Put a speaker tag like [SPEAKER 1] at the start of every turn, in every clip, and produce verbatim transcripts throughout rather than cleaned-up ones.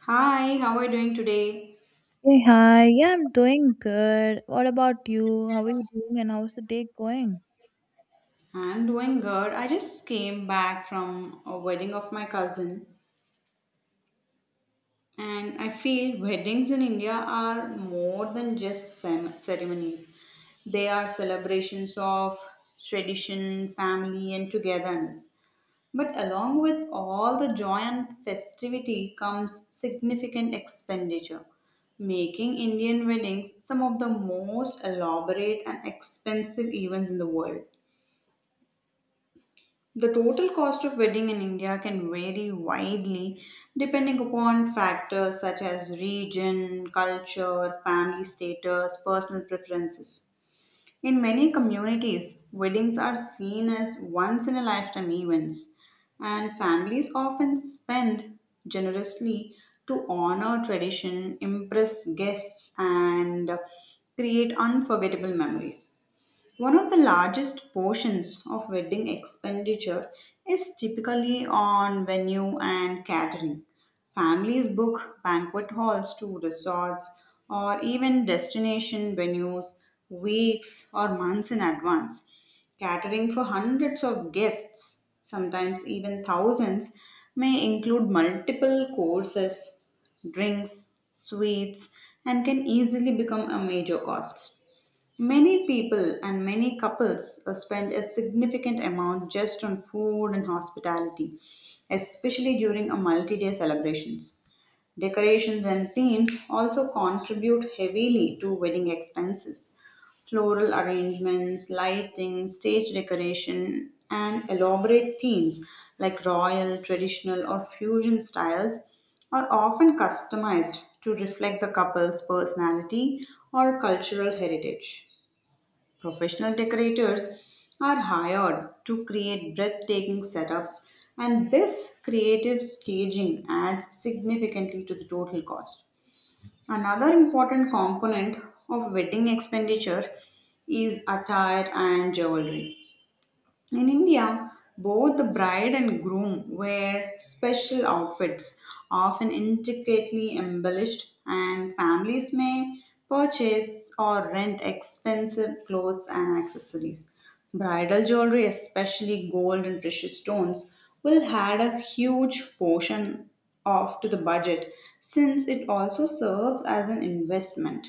[SPEAKER 1] Hi, how are you doing today?
[SPEAKER 2] Hey, hi. Yeah, I'm doing good. What about you? How are you doing and how's the day going?
[SPEAKER 1] I'm doing good. I just came back from a wedding of my cousin, and I feel weddings in India are more than just cem- ceremonies. They are celebrations of tradition, family, and togetherness. But along with all the joy and festivity comes significant expenditure, making Indian weddings some of the most elaborate and expensive events in the world. The total cost of wedding in India can vary widely depending upon factors such as region, culture, family status, personal preferences. In many communities, weddings are seen as once in a lifetime events, and families often spend generously to honor tradition, impress guests, and create unforgettable memories. One of the largest portions of wedding expenditure is typically on venue and catering. Families book banquet halls to resorts or even destination venues weeks or months in advance. Catering for hundreds of guests, sometimes even thousands, may include multiple courses, drinks, sweets, and can easily become a major cost. Many people and many couples uh, spend a significant amount just on food and hospitality, especially during a multi day celebrations. Decorations and themes also contribute heavily to wedding expenses. Floral arrangements, lighting, stage decoration, and elaborate themes like royal, traditional, or fusion styles are often customized to reflect the couple's personality or cultural heritage. Professional decorators are hired to create breathtaking setups, and this creative staging adds significantly to the total cost. Another important component of wedding expenditure is attire and jewelry. In India, both the bride and groom wear special outfits, often intricately embellished, and families may purchase or rent expensive clothes and accessories. Bridal jewelry, especially gold and precious stones, will add a huge portion of to the budget since it also serves as an investment.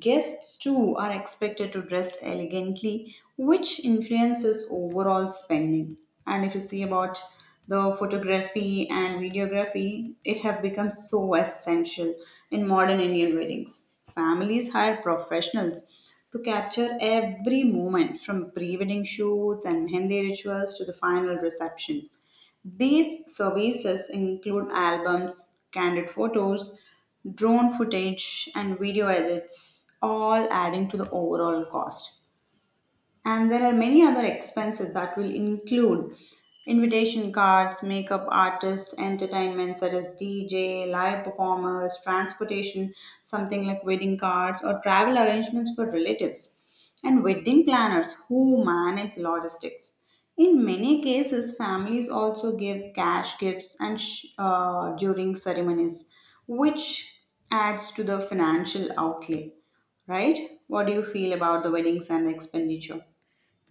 [SPEAKER 1] Guests too are expected to dress elegantly, which influences overall spending. And if you see about the photography and videography, it have become so essential in modern Indian weddings. Families hire professionals to capture every moment from pre-wedding shoots and mehendi rituals to the final reception. These services include albums, candid photos, drone footage, and video edits, all adding to the overall cost. And there are many other expenses that will include invitation cards, makeup artists, entertainment such as D J, live performers, transportation, something like wedding cards, or travel arrangements for relatives, and wedding planners who manage logistics. In many cases, families also give cash gifts and sh- uh, during ceremonies, which adds to the financial outlay. Right? What do you feel about the weddings and the expenditure?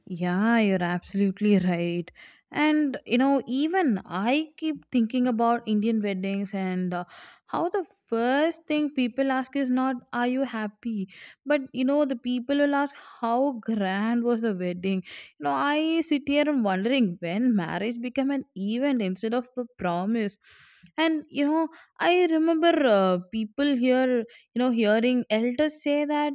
[SPEAKER 2] Yeah, you're absolutely right. And you know, even I keep thinking about Indian weddings and uh, how the first thing people ask is not, are you happy? But you know, the people will ask, how grand was the wedding? You know, I sit here and wondering when marriage became an event instead of a promise. And you know, I remember uh, people here, you know, hearing elders say that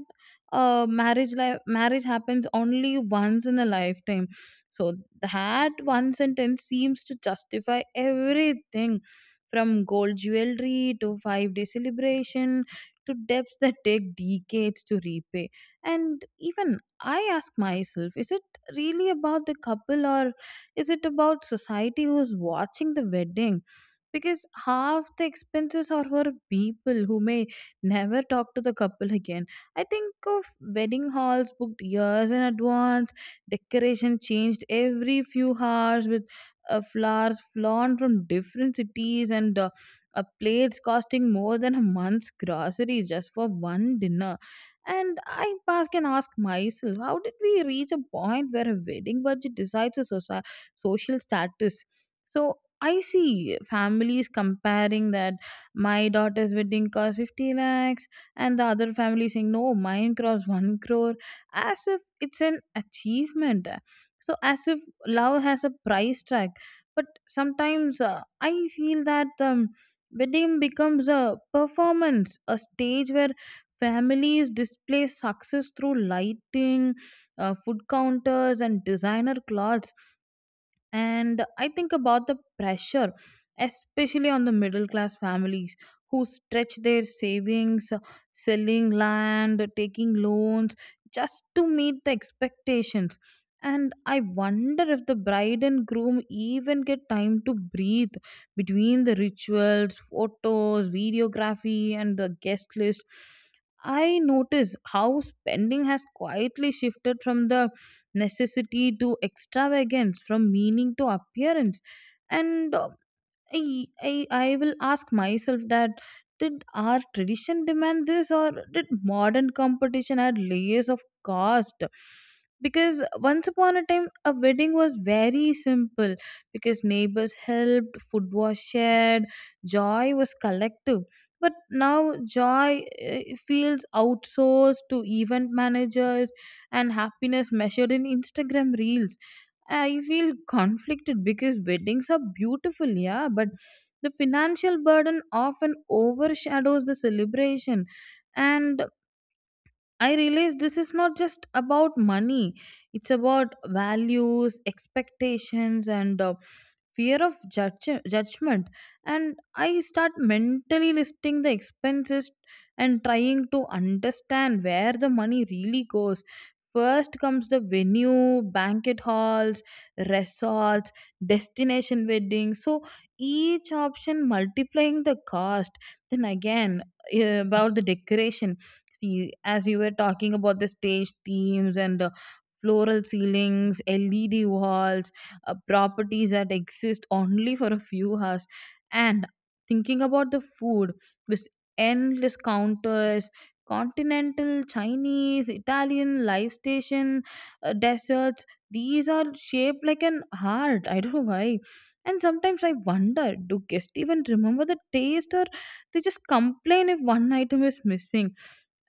[SPEAKER 2] uh, marriage life marriage happens only once in a lifetime, so that one sentence seems to justify everything from gold jewelry to five day celebration to debts that take decades to repay. And even I ask myself, is it really about the couple, or is it about society who's watching the wedding, because half the expenses are for people who may never talk to the couple again. I think of wedding halls booked years in advance, decoration changed every few hours with uh, flowers flown from different cities, and uh, uh, plates costing more than a month's groceries just for one dinner. And I pass can ask myself, how did we reach a point where a wedding budget decides a soci- social status? So I see families comparing that my daughter's wedding cost fifty lakhs and the other family saying no, mine crossed one crore, as if it's an achievement, so as if love has a price tag. But sometimes uh, I feel that um, wedding becomes a performance, a stage where families display success through lighting, uh, food counters and designer clothes. And I think about the pressure, especially on the middle class families, who stretch their savings, uh, selling land, taking loans, just to meet the expectations. And I wonder if the bride and groom even get time to breathe between the rituals, photos, videography and the guest list. I notice how spending has quietly shifted from the necessity to extravagance, from meaning to appearance. And uh, I, I I will ask myself, that did our tradition demand this, or did modern competition add layers of cost? Because once upon a time a wedding was very simple, because neighbors helped, food was shared, joy was collective. But now joy, eh, feels outsourced to event managers, and happiness measured in Instagram reels. I feel conflicted because weddings are beautiful, yeah, but the financial burden often overshadows the celebration. And I realize this is not just about money, it's about values, expectations, and uh, fear of judge- judgment. And I start mentally listing the expenses and trying to understand where the money really goes. First comes the venue, banquet halls, resorts, destination weddings, so each option multiplying the cost. Then again, eh, about the decoration, see, as you were talking about the stage themes and the floral ceilings, led walls, uh, properties that exist only for a few hours. And thinking about the food, this endless counters, continental, chinese, italian, live station, uh, desserts, these are shaped like an heart, I don't know why. And sometimes I wonder, do guests even remember the taste, or they just complain if one item is missing?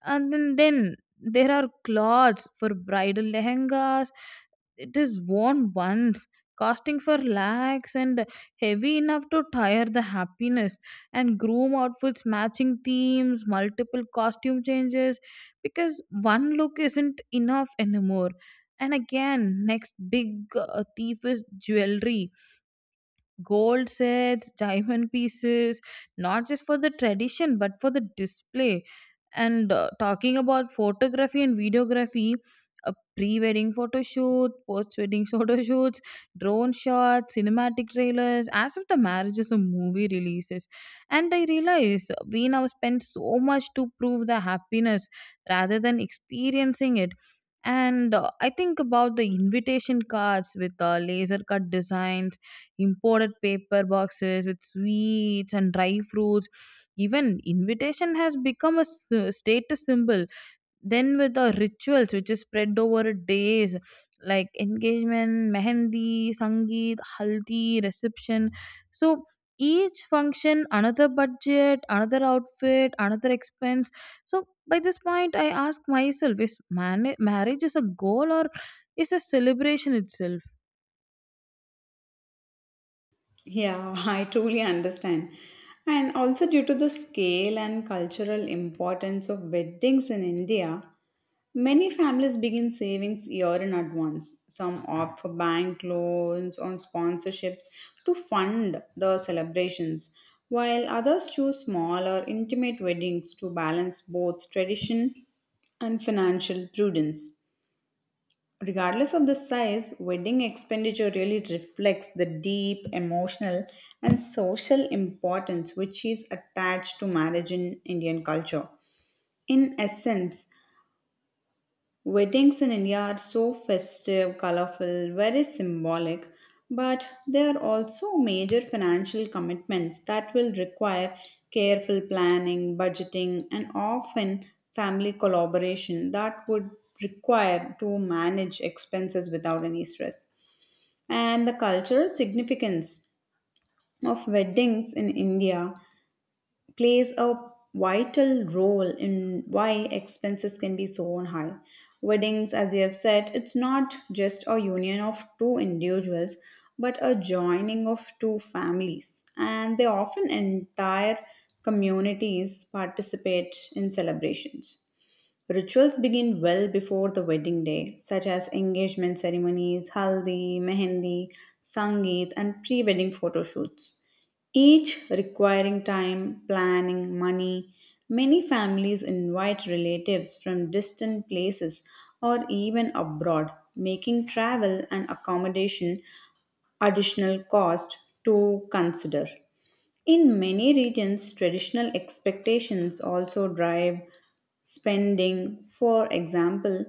[SPEAKER 2] And then, then there are cloths for bridal lehengas, it is worn once, costing for lakhs, and heavy enough to tire the happiness. And groom outfits, matching themes, multiple costume changes, because one look isn't enough anymore. And again, next big, uh, thief is jewelry, gold sets, diamond pieces, not just for the tradition but for the display. And uh, talking about photography and videography, a pre-wedding photo shoot, post-wedding photo shoots, drone shots, cinematic trailers, as if the marriage is a movie releases. And I realize we now spend so much to prove the happiness rather than experiencing it. And uh, I think about the invitation cards with the laser cut designs, imported paper boxes with sweets and dry fruits. Even invitation has become a s- status symbol. Then with the rituals which is spread over days like engagement, mehendi, sangeet, haldi, reception. So each function another budget, another outfit, another expense. So by this point I ask myself, is man- marriage is a goal, or is a celebration itself?
[SPEAKER 1] Yeah, I truly understand. And also, due to the scale and cultural importance of weddings in India, many families begin savings year in advance. Some opt for bank loans or sponsorships to fund the celebrations, while others choose small or intimate weddings to balance both tradition and financial prudence. Regardless of the size, wedding expenditure really reflects the deep emotional and social importance which is attached to marriage in Indian culture. In essence, weddings in India are so festive, colorful, very symbolic, but they are also major financial commitments that will require careful planning, budgeting, and often family collaboration that would require to manage expenses without any stress. And the cultural significance of weddings in India plays a vital role in why expenses can be so high. Weddings, as you have said, it's not just a union of two individuals, but a joining of two families, and they often entire communities participate in celebrations. Rituals begin well before the wedding day, such as engagement ceremonies, haldi, mehendi, sangeet, and pre wedding photo shoots, each requiring time, planning, money. Many families invite relatives from distant places or even abroad, making travel and accommodation additional cost to consider. In many regions, traditional expectations also drive spending. For example,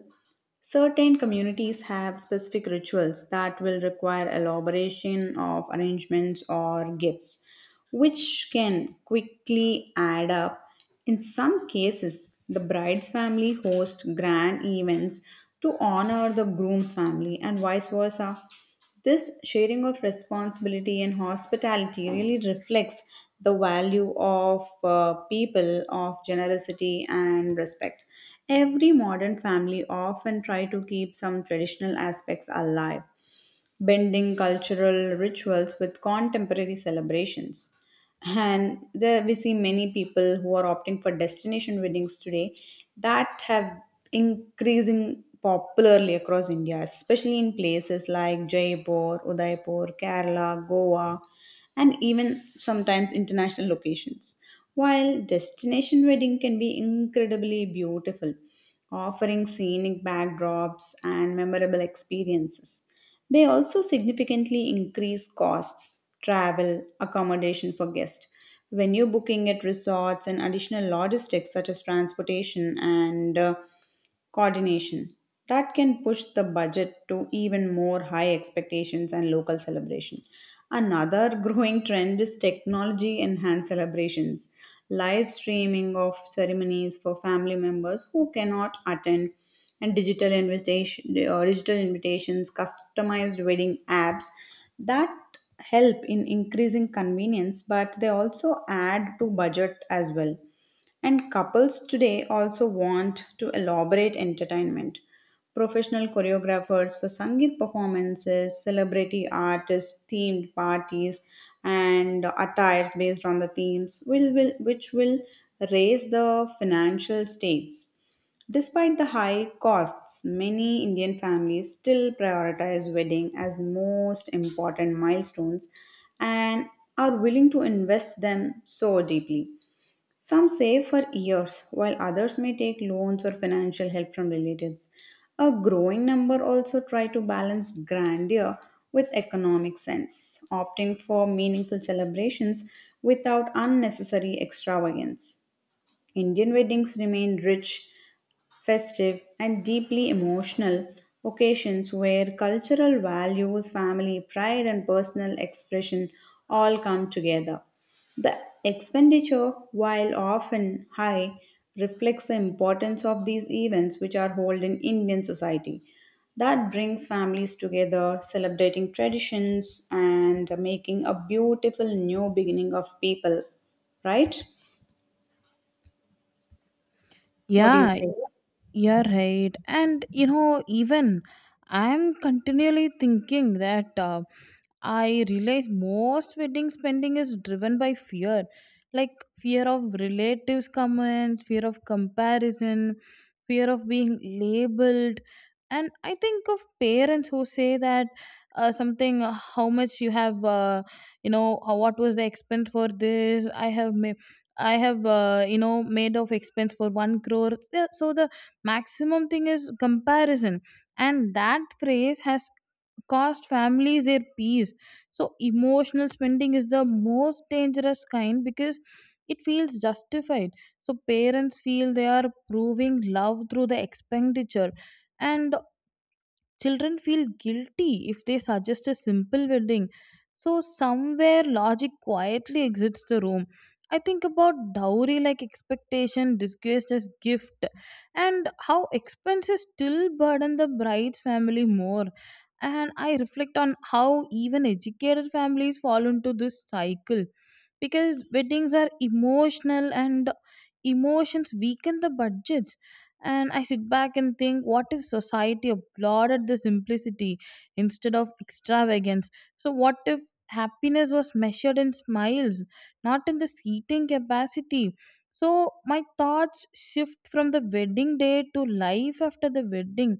[SPEAKER 1] certain communities have specific rituals that will require elaboration of arrangements or gifts, which can quickly add up. In some cases, the bride's family hosts grand events to honor the groom's family, and vice versa. This sharing of responsibility and hospitality really reflects the value of uh, people of generosity and respect. Every modern family often try to keep some traditional aspects alive blending cultural rituals with contemporary celebrations. And there we see many people who are opting for destination weddings today that have increasing popularly across India, especially in places like Jaipur, Udaipur, Kerala, Goa, and even sometimes international locations. While destination wedding can be incredibly beautiful, offering scenic backdrops and memorable experiences. They also significantly increase costs, travel, accommodation for guests. When you're booking at resorts and additional logistics such as transportation and uh, coordination, that can push the budget to even more high expectations and local celebration. Another growing trend is technology enhanced celebrations, live streaming of ceremonies for family members who cannot attend and digital invitation or digital invitations customized wedding apps that help in increasing convenience, but they also add to budget as well. And couples today also want to elaborate entertainment, professional choreographers for sangeet performances, celebrity artists, themed parties, and attires based on the themes will, will which will raise the financial stakes. Despite the high costs, many Indian families still prioritize wedding as most important milestones and are willing to invest them so deeply. Some save for years while others may take loans or financial help from relatives. A growing number also try to balance grandeur with economic sense, opting for meaningful celebrations without unnecessary extravagance. Indian weddings remain rich festive, and deeply emotional occasions where cultural values, family pride, and personal expression all come together. The expenditure, while often high, reflects the importance of these events which are held in Indian society. That brings families together, celebrating traditions and making a beautiful new beginning of people, right? What do you
[SPEAKER 2] Yeah.
[SPEAKER 1] say?
[SPEAKER 2] You're right. And you know, even I'm continually thinking that uh, I realize most wedding spending is driven by fear, like fear of relatives' comments, fear of comparison, fear of being labeled. And I think of parents who say that uh, something, uh, how much you have, uh, you know, uh, what was the expense for this? I have made. I have, uh, you know, made of expense for one crore. So so the maximum thing is comparison, and that phrase has cost families their peace. So emotional spending is the most dangerous kind because it feels justified. So parents feel they are proving love through the expenditure, and children feel guilty if they suggest a simple wedding. So somewhere logic quietly exits the room. I think about dowry like expectation disguised as gift, and how expenses still burden the bride's family more. And I reflect on how even educated families fall into this cycle, because weddings are emotional, and emotions weaken the budgets. And I sit back and think, what if society applauded the simplicity instead of extravagance? So what if happiness was measured in smiles, not in the seating capacity? So my thoughts shift from the wedding day to life after the wedding.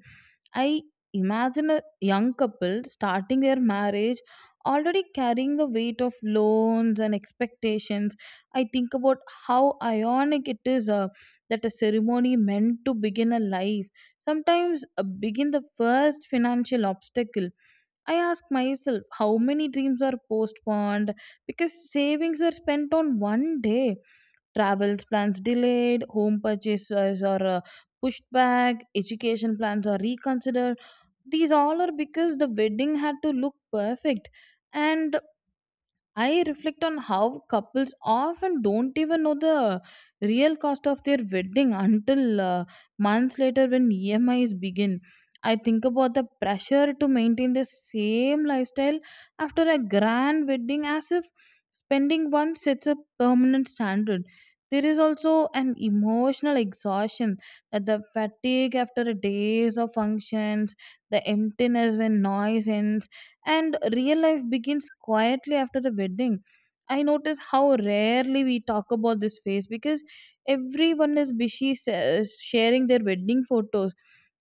[SPEAKER 2] I imagine a young couple starting their marriage already carrying the weight of loans and expectations. I think about how ironic it is, uh, that a ceremony meant to begin a life sometimes uh, begin the first financial obstacle. I ask myself, how many dreams are postponed because savings were spent on one day, travels plans delayed, home purchases or uh, pushed back, education plans are reconsidered. These all are because the wedding had to look perfect. And I reflect on how couples often don't even know the real cost of their wedding until uh, months later when E M Is begin. I think about the pressure to maintain the same lifestyle after a grand wedding, as if spending once sets a permanent standard. There is also an emotional exhaustion, that the fatigue after a days of functions, the emptiness when noise ends, and real life begins quietly after the wedding. I notice how rarely we talk about this phase, because everyone is busy sa- sharing their wedding photos,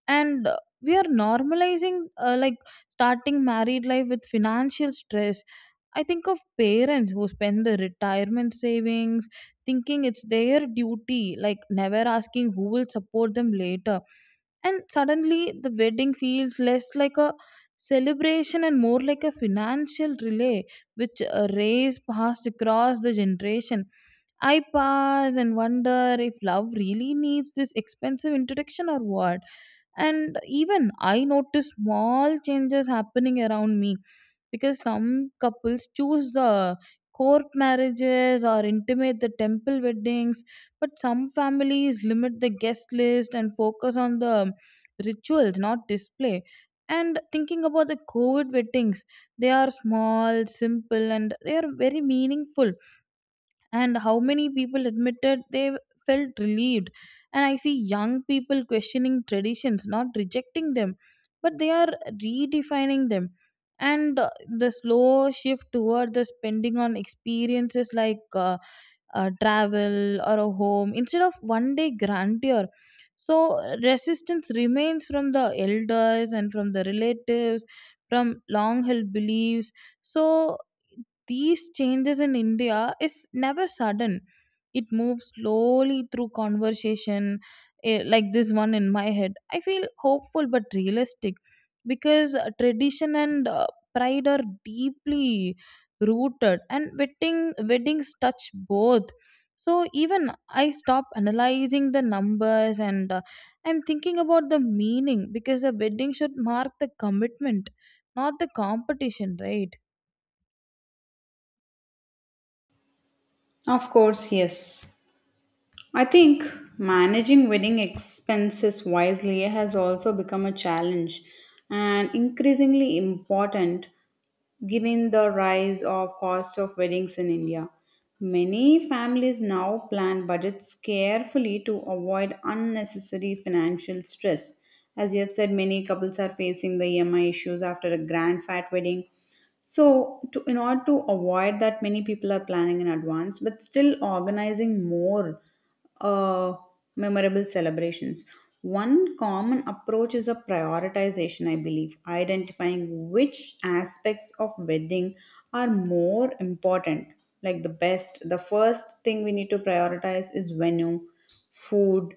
[SPEAKER 2] and uh, we are normalizing, uh, like starting married life with financial stress. I think of parents who spend the retirement savings thinking it's their duty, like never asking who will support them later. And suddenly the wedding feels less like a celebration and more like a financial relay, which a race passed across the generation. I pause and wonder if love really needs this expensive introduction, or what. And even I notice small changes happening around me, because some couples choose the court marriages or intimate the temple weddings, but some families limit the guest list and focus on the rituals, not display. And thinking about the COVID weddings, they are small, simple, and they are very meaningful, and how many people admitted they felt relieved. And I see young people questioning traditions, not rejecting them, but they are redefining them. And uh, the slow shift toward the spending on experiences like uh, uh, travel or a home instead of one day grandeur. So resistance remains from the elders and from the relatives, from long held beliefs. So these changes in India is never sudden. It moves slowly through conversation, eh, like this one in my head. I feel hopeful but realistic because uh, tradition and uh, pride are deeply rooted, and wedding weddings touch both. So even I stop analyzing the numbers and uh, I'm thinking about the meaning, because a wedding should mark the commitment, not the competition, right?
[SPEAKER 1] Of course, yes. I think managing wedding expenses wisely has also become a challenge and increasingly important given the rise of cost of weddings in India. Many families now plan budgets carefully to avoid unnecessary financial stress. As you have said, many couples are facing the E M I issues after a grand fat wedding so, to, in order to avoid that, many people are planning in advance, but still organizing more uh, memorable celebrations. One common approach is a prioritization, I believe, identifying which aspects of wedding are more important, like the best. The first thing we need to prioritize is venue, food,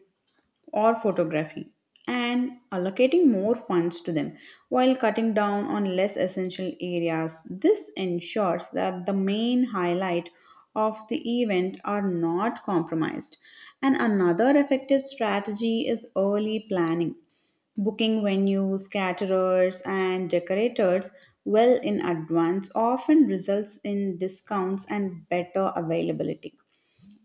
[SPEAKER 1] or photography and allocating more funds to them while cutting down on less essential areas. This ensures that the main highlight of the event are not compromised. And another effective strategy is early planning booking venues, caterers, and decorators well in advance often results in discounts and better availability.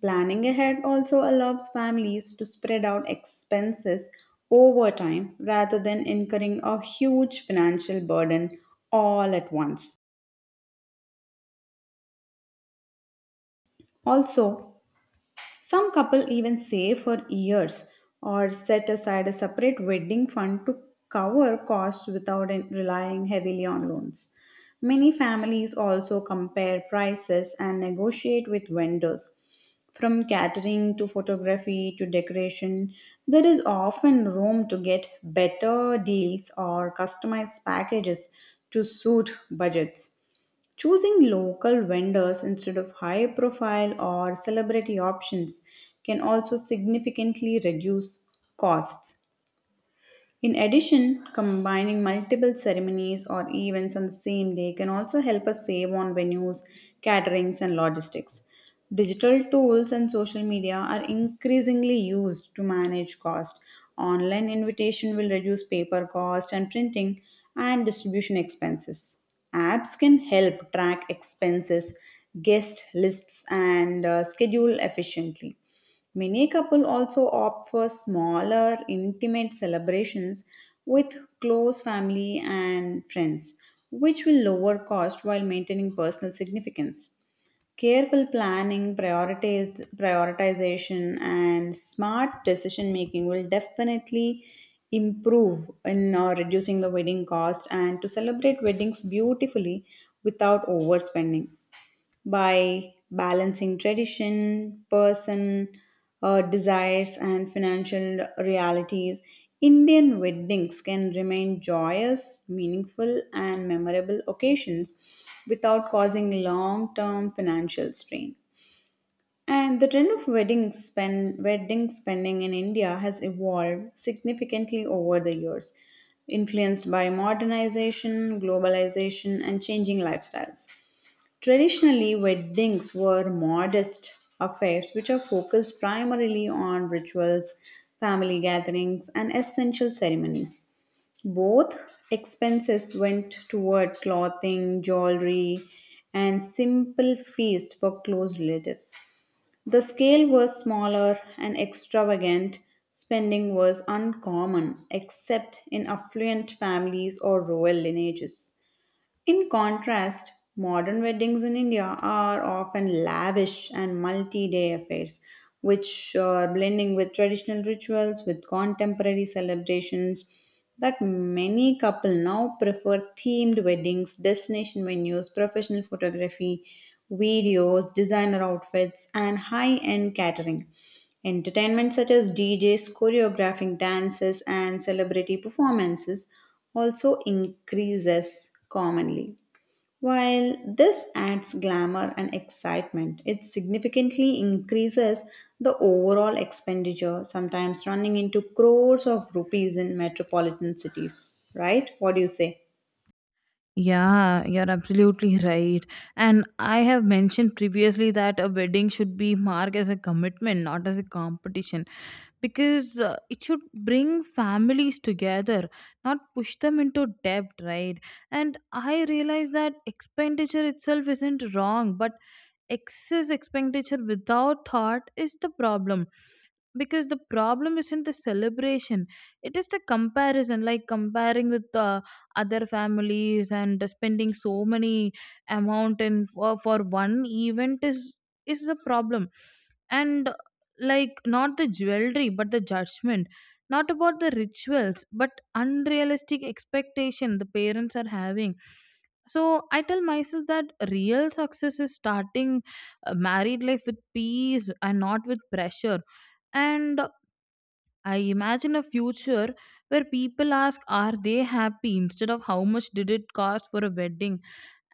[SPEAKER 1] Planning ahead also allows families to spread out expenses over time rather than incurring a huge financial burden all at once. Also, some couple even save for years or set aside a separate wedding fund to cover costs without in- relying heavily on loans. Many families also compare prices and negotiate with vendors. From catering to photography to decoration, there is often room to get better deals or customized packages to suit budgets. Choosing local vendors instead of high profile or celebrity options can also significantly reduce costs. In addition, combining multiple ceremonies or events on the same day can also help us save on venues, caterings, and logistics. Digital tools and social media are increasingly used to manage cost. Online invitation will reduce paper cost and printing and distribution expenses. Apps can help track expenses, guest lists, and uh, schedule efficiently. Many couples also opt for smaller, intimate celebrations with close family and friends, which will lower cost while maintaining personal significance. Careful planning, prioritize, prioritization, and smart decision making will definitely improve in uh, reducing the wedding cost and to celebrate weddings beautifully without overspending by balancing tradition, person uh, desires, and financial realities. Indian weddings can remain joyous, meaningful, and memorable occasions without causing long term financial strain. And the trend of wedding, spend, wedding spending in India has evolved significantly over the years, influenced by modernization, globalization, and changing lifestyles. Traditionally, weddings were modest affairs which are focused primarily on rituals, family gatherings, and essential ceremonies. Both expenses went toward clothing, jewelry, and simple feasts for close relatives. The scale was smaller and extravagant. Spending was uncommon, except in affluent families or royal lineages. In contrast, modern weddings in India are often lavish and multi day affairs, which are blending with traditional rituals with contemporary celebrations. That many couples now prefer themed weddings, destination venues, professional photography, videos, designer outfits, and high end catering. Entertainment such as D Js choreographing dances and celebrity performances also increases commonly. While this adds glamour and excitement, it significantly increases the overall expenditure, sometimes running into crores of rupees in metropolitan cities. Right? What do you say?
[SPEAKER 2] Yeah, you're absolutely right. And I have mentioned previously that a wedding should be marked as a commitment, not as a competition, because uh, it should bring families together, not push them into debt, right? And I realize that expenditure itself isn't wrong, but excess expenditure without thought is the problem, because the problem isn't the celebration, it is the comparison, like comparing with uh, other families and spending so many amount in for, for one event is is the problem. And like not the jewelry but the judgment, not about the rituals but unrealistic expectation the parents are having. So I tell myself that real success is starting a married life with peace and not with pressure. And I imagine a future where people ask, are they happy, instead of how much did it cost for a wedding?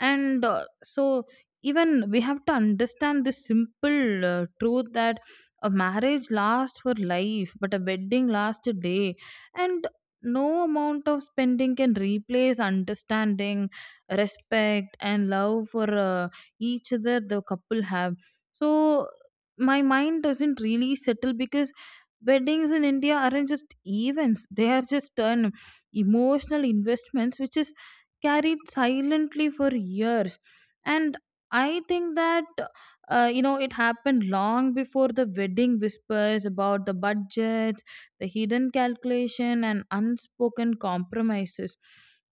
[SPEAKER 2] And uh, so even we have to understand this simple uh, truth, that a marriage lasts for life but a wedding lasts a day, and no amount of spending can replace understanding, respect and love for uh, each other the couple have. So my mind doesn't really settle, because weddings in india aren't just events, they are just an emotional investments which is carried silently for years. And I think that, uh, you know, it happened long before the wedding, whispers about the budgets, the hidden calculation and unspoken compromises.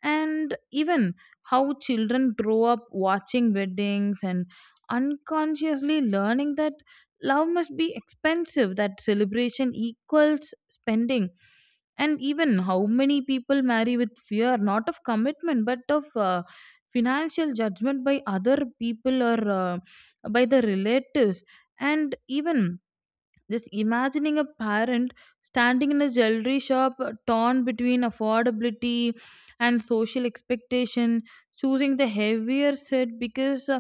[SPEAKER 2] And even how children grow up watching weddings and unconsciously learning that love must be expensive, that celebration equals spending. And even how many people marry with fear, not of commitment, but of uh, financial judgment by other people, or uh, by the relatives. And even just imagining a parent standing in a jewelry shop, uh, torn between affordability and social expectation, choosing the heavier set because uh,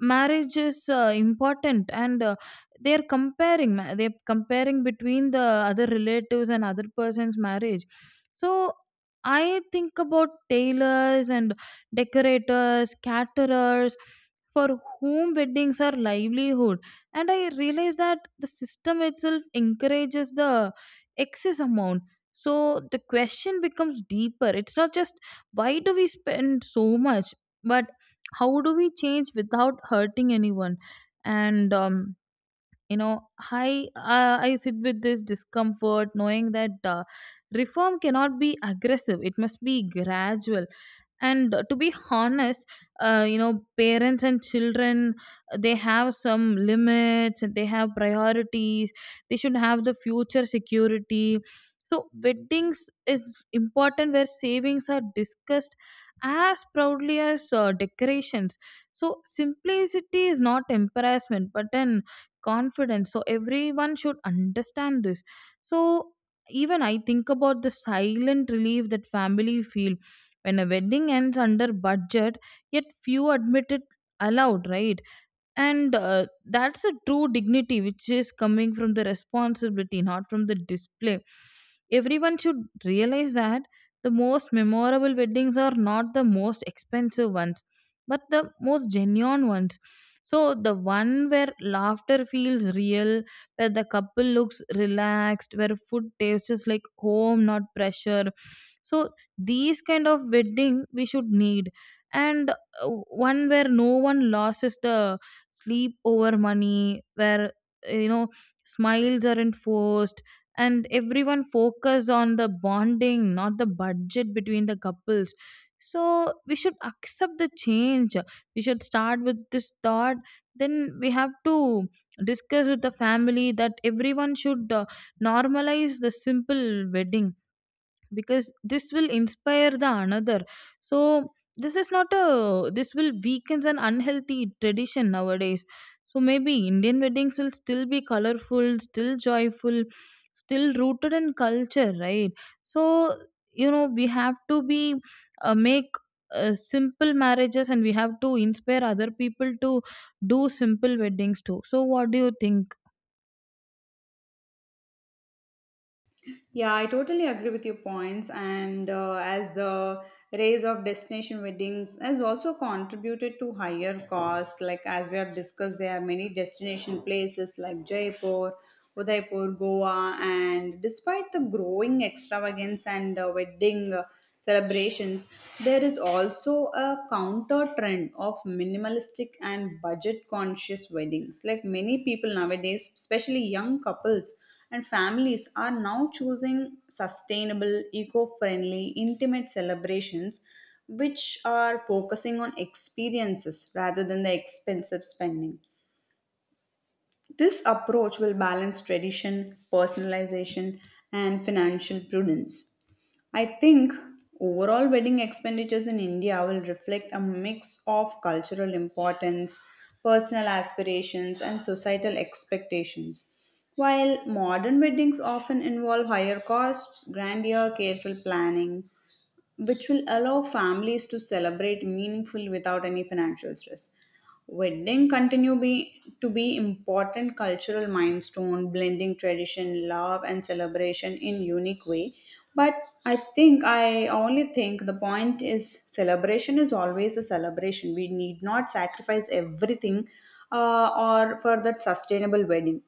[SPEAKER 2] marriage is uh, important, and uh, they are comparing ma- they are comparing between the other relatives and other person's marriage. So I think about tailors and decorators, caterers, for whom weddings are livelihood. And I realize that the system itself encourages the excess amount. So the question becomes deeper, it's not just why do we spend so much, but how do we change without hurting anyone? And um, you know, i uh, i sit with this discomfort knowing that uh, reform cannot be aggressive, it must be gradual. And uh, to be honest, uh, you know, parents and children, they have some limits and they have priorities, they should have the future security. So weddings is important, where savings are discussed as proudly as uh, decorations. So simplicity is not embarrassment but an confidence, so everyone should understand this. So even I think about the silent relief that family feel when a wedding ends under budget, yet few admit it aloud, right? And uh, that's a true dignity which is coming from the responsibility, not from the display. Everyone should realize that the most memorable weddings are not the most expensive ones, but the most genuine ones. So the one where laughter feels real, where the couple looks relaxed, where food tastes like home, not pressure. So these kind of wedding we should need. And uh, one where no one loses the sleep over money, where, uh, you know, smiles aren't forced, and everyone focus on the bonding, not the budget between the couples. So we should accept the change, we should start with this thought. Then we have to discuss with the family, that everyone should uh, normalize the simple wedding, because this will inspire the another. So this is not a, this will weakens an unhealthy tradition nowadays. So maybe indian weddings will still be colorful, still joyful, still rooted in culture, right? So you know, we have to be, uh, make uh, simple marriages, and we have to inspire other people to do simple weddings too. So what do you think?
[SPEAKER 1] Yeah, I totally agree with your points. And uh, as the rise of destination weddings has also contributed to higher cost, like as we have discussed, there are many destination places like Jaipur, Udaipur, Goa, and despite the growing extravagance and uh, wedding uh, celebrations, there is also a counter trend of minimalistic and budget conscious weddings. Like many people nowadays, especially young couples and families are now choosing sustainable, eco friendly, intimate celebrations which are focusing on experiences rather than the expensive spending. This approach will balance tradition, personalization, and financial prudence. I think overall wedding expenditures in India will reflect a mix of cultural importance, personal aspirations, and societal expectations. While modern weddings often involve higher costs, grandeur, careful planning, which will allow families to celebrate meaningfully without any financial stress. Wedding continue be, to be important cultural milestone, blending tradition, love, and celebration in unique way. But I think I only think the point is celebration is always a celebration. We need not sacrifice everything, uh, or for that sustainable wedding.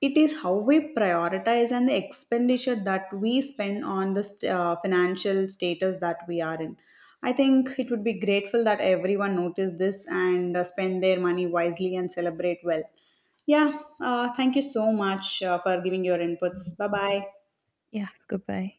[SPEAKER 1] It is how we prioritize and the expenditure that we spend on the st- uh, financial status that we are in. I think it would be grateful that everyone noticed this and uh, spend their money wisely and celebrate well. Yeah, uh, thank you so much uh, for giving your inputs. Bye bye.
[SPEAKER 2] Yeah, goodbye.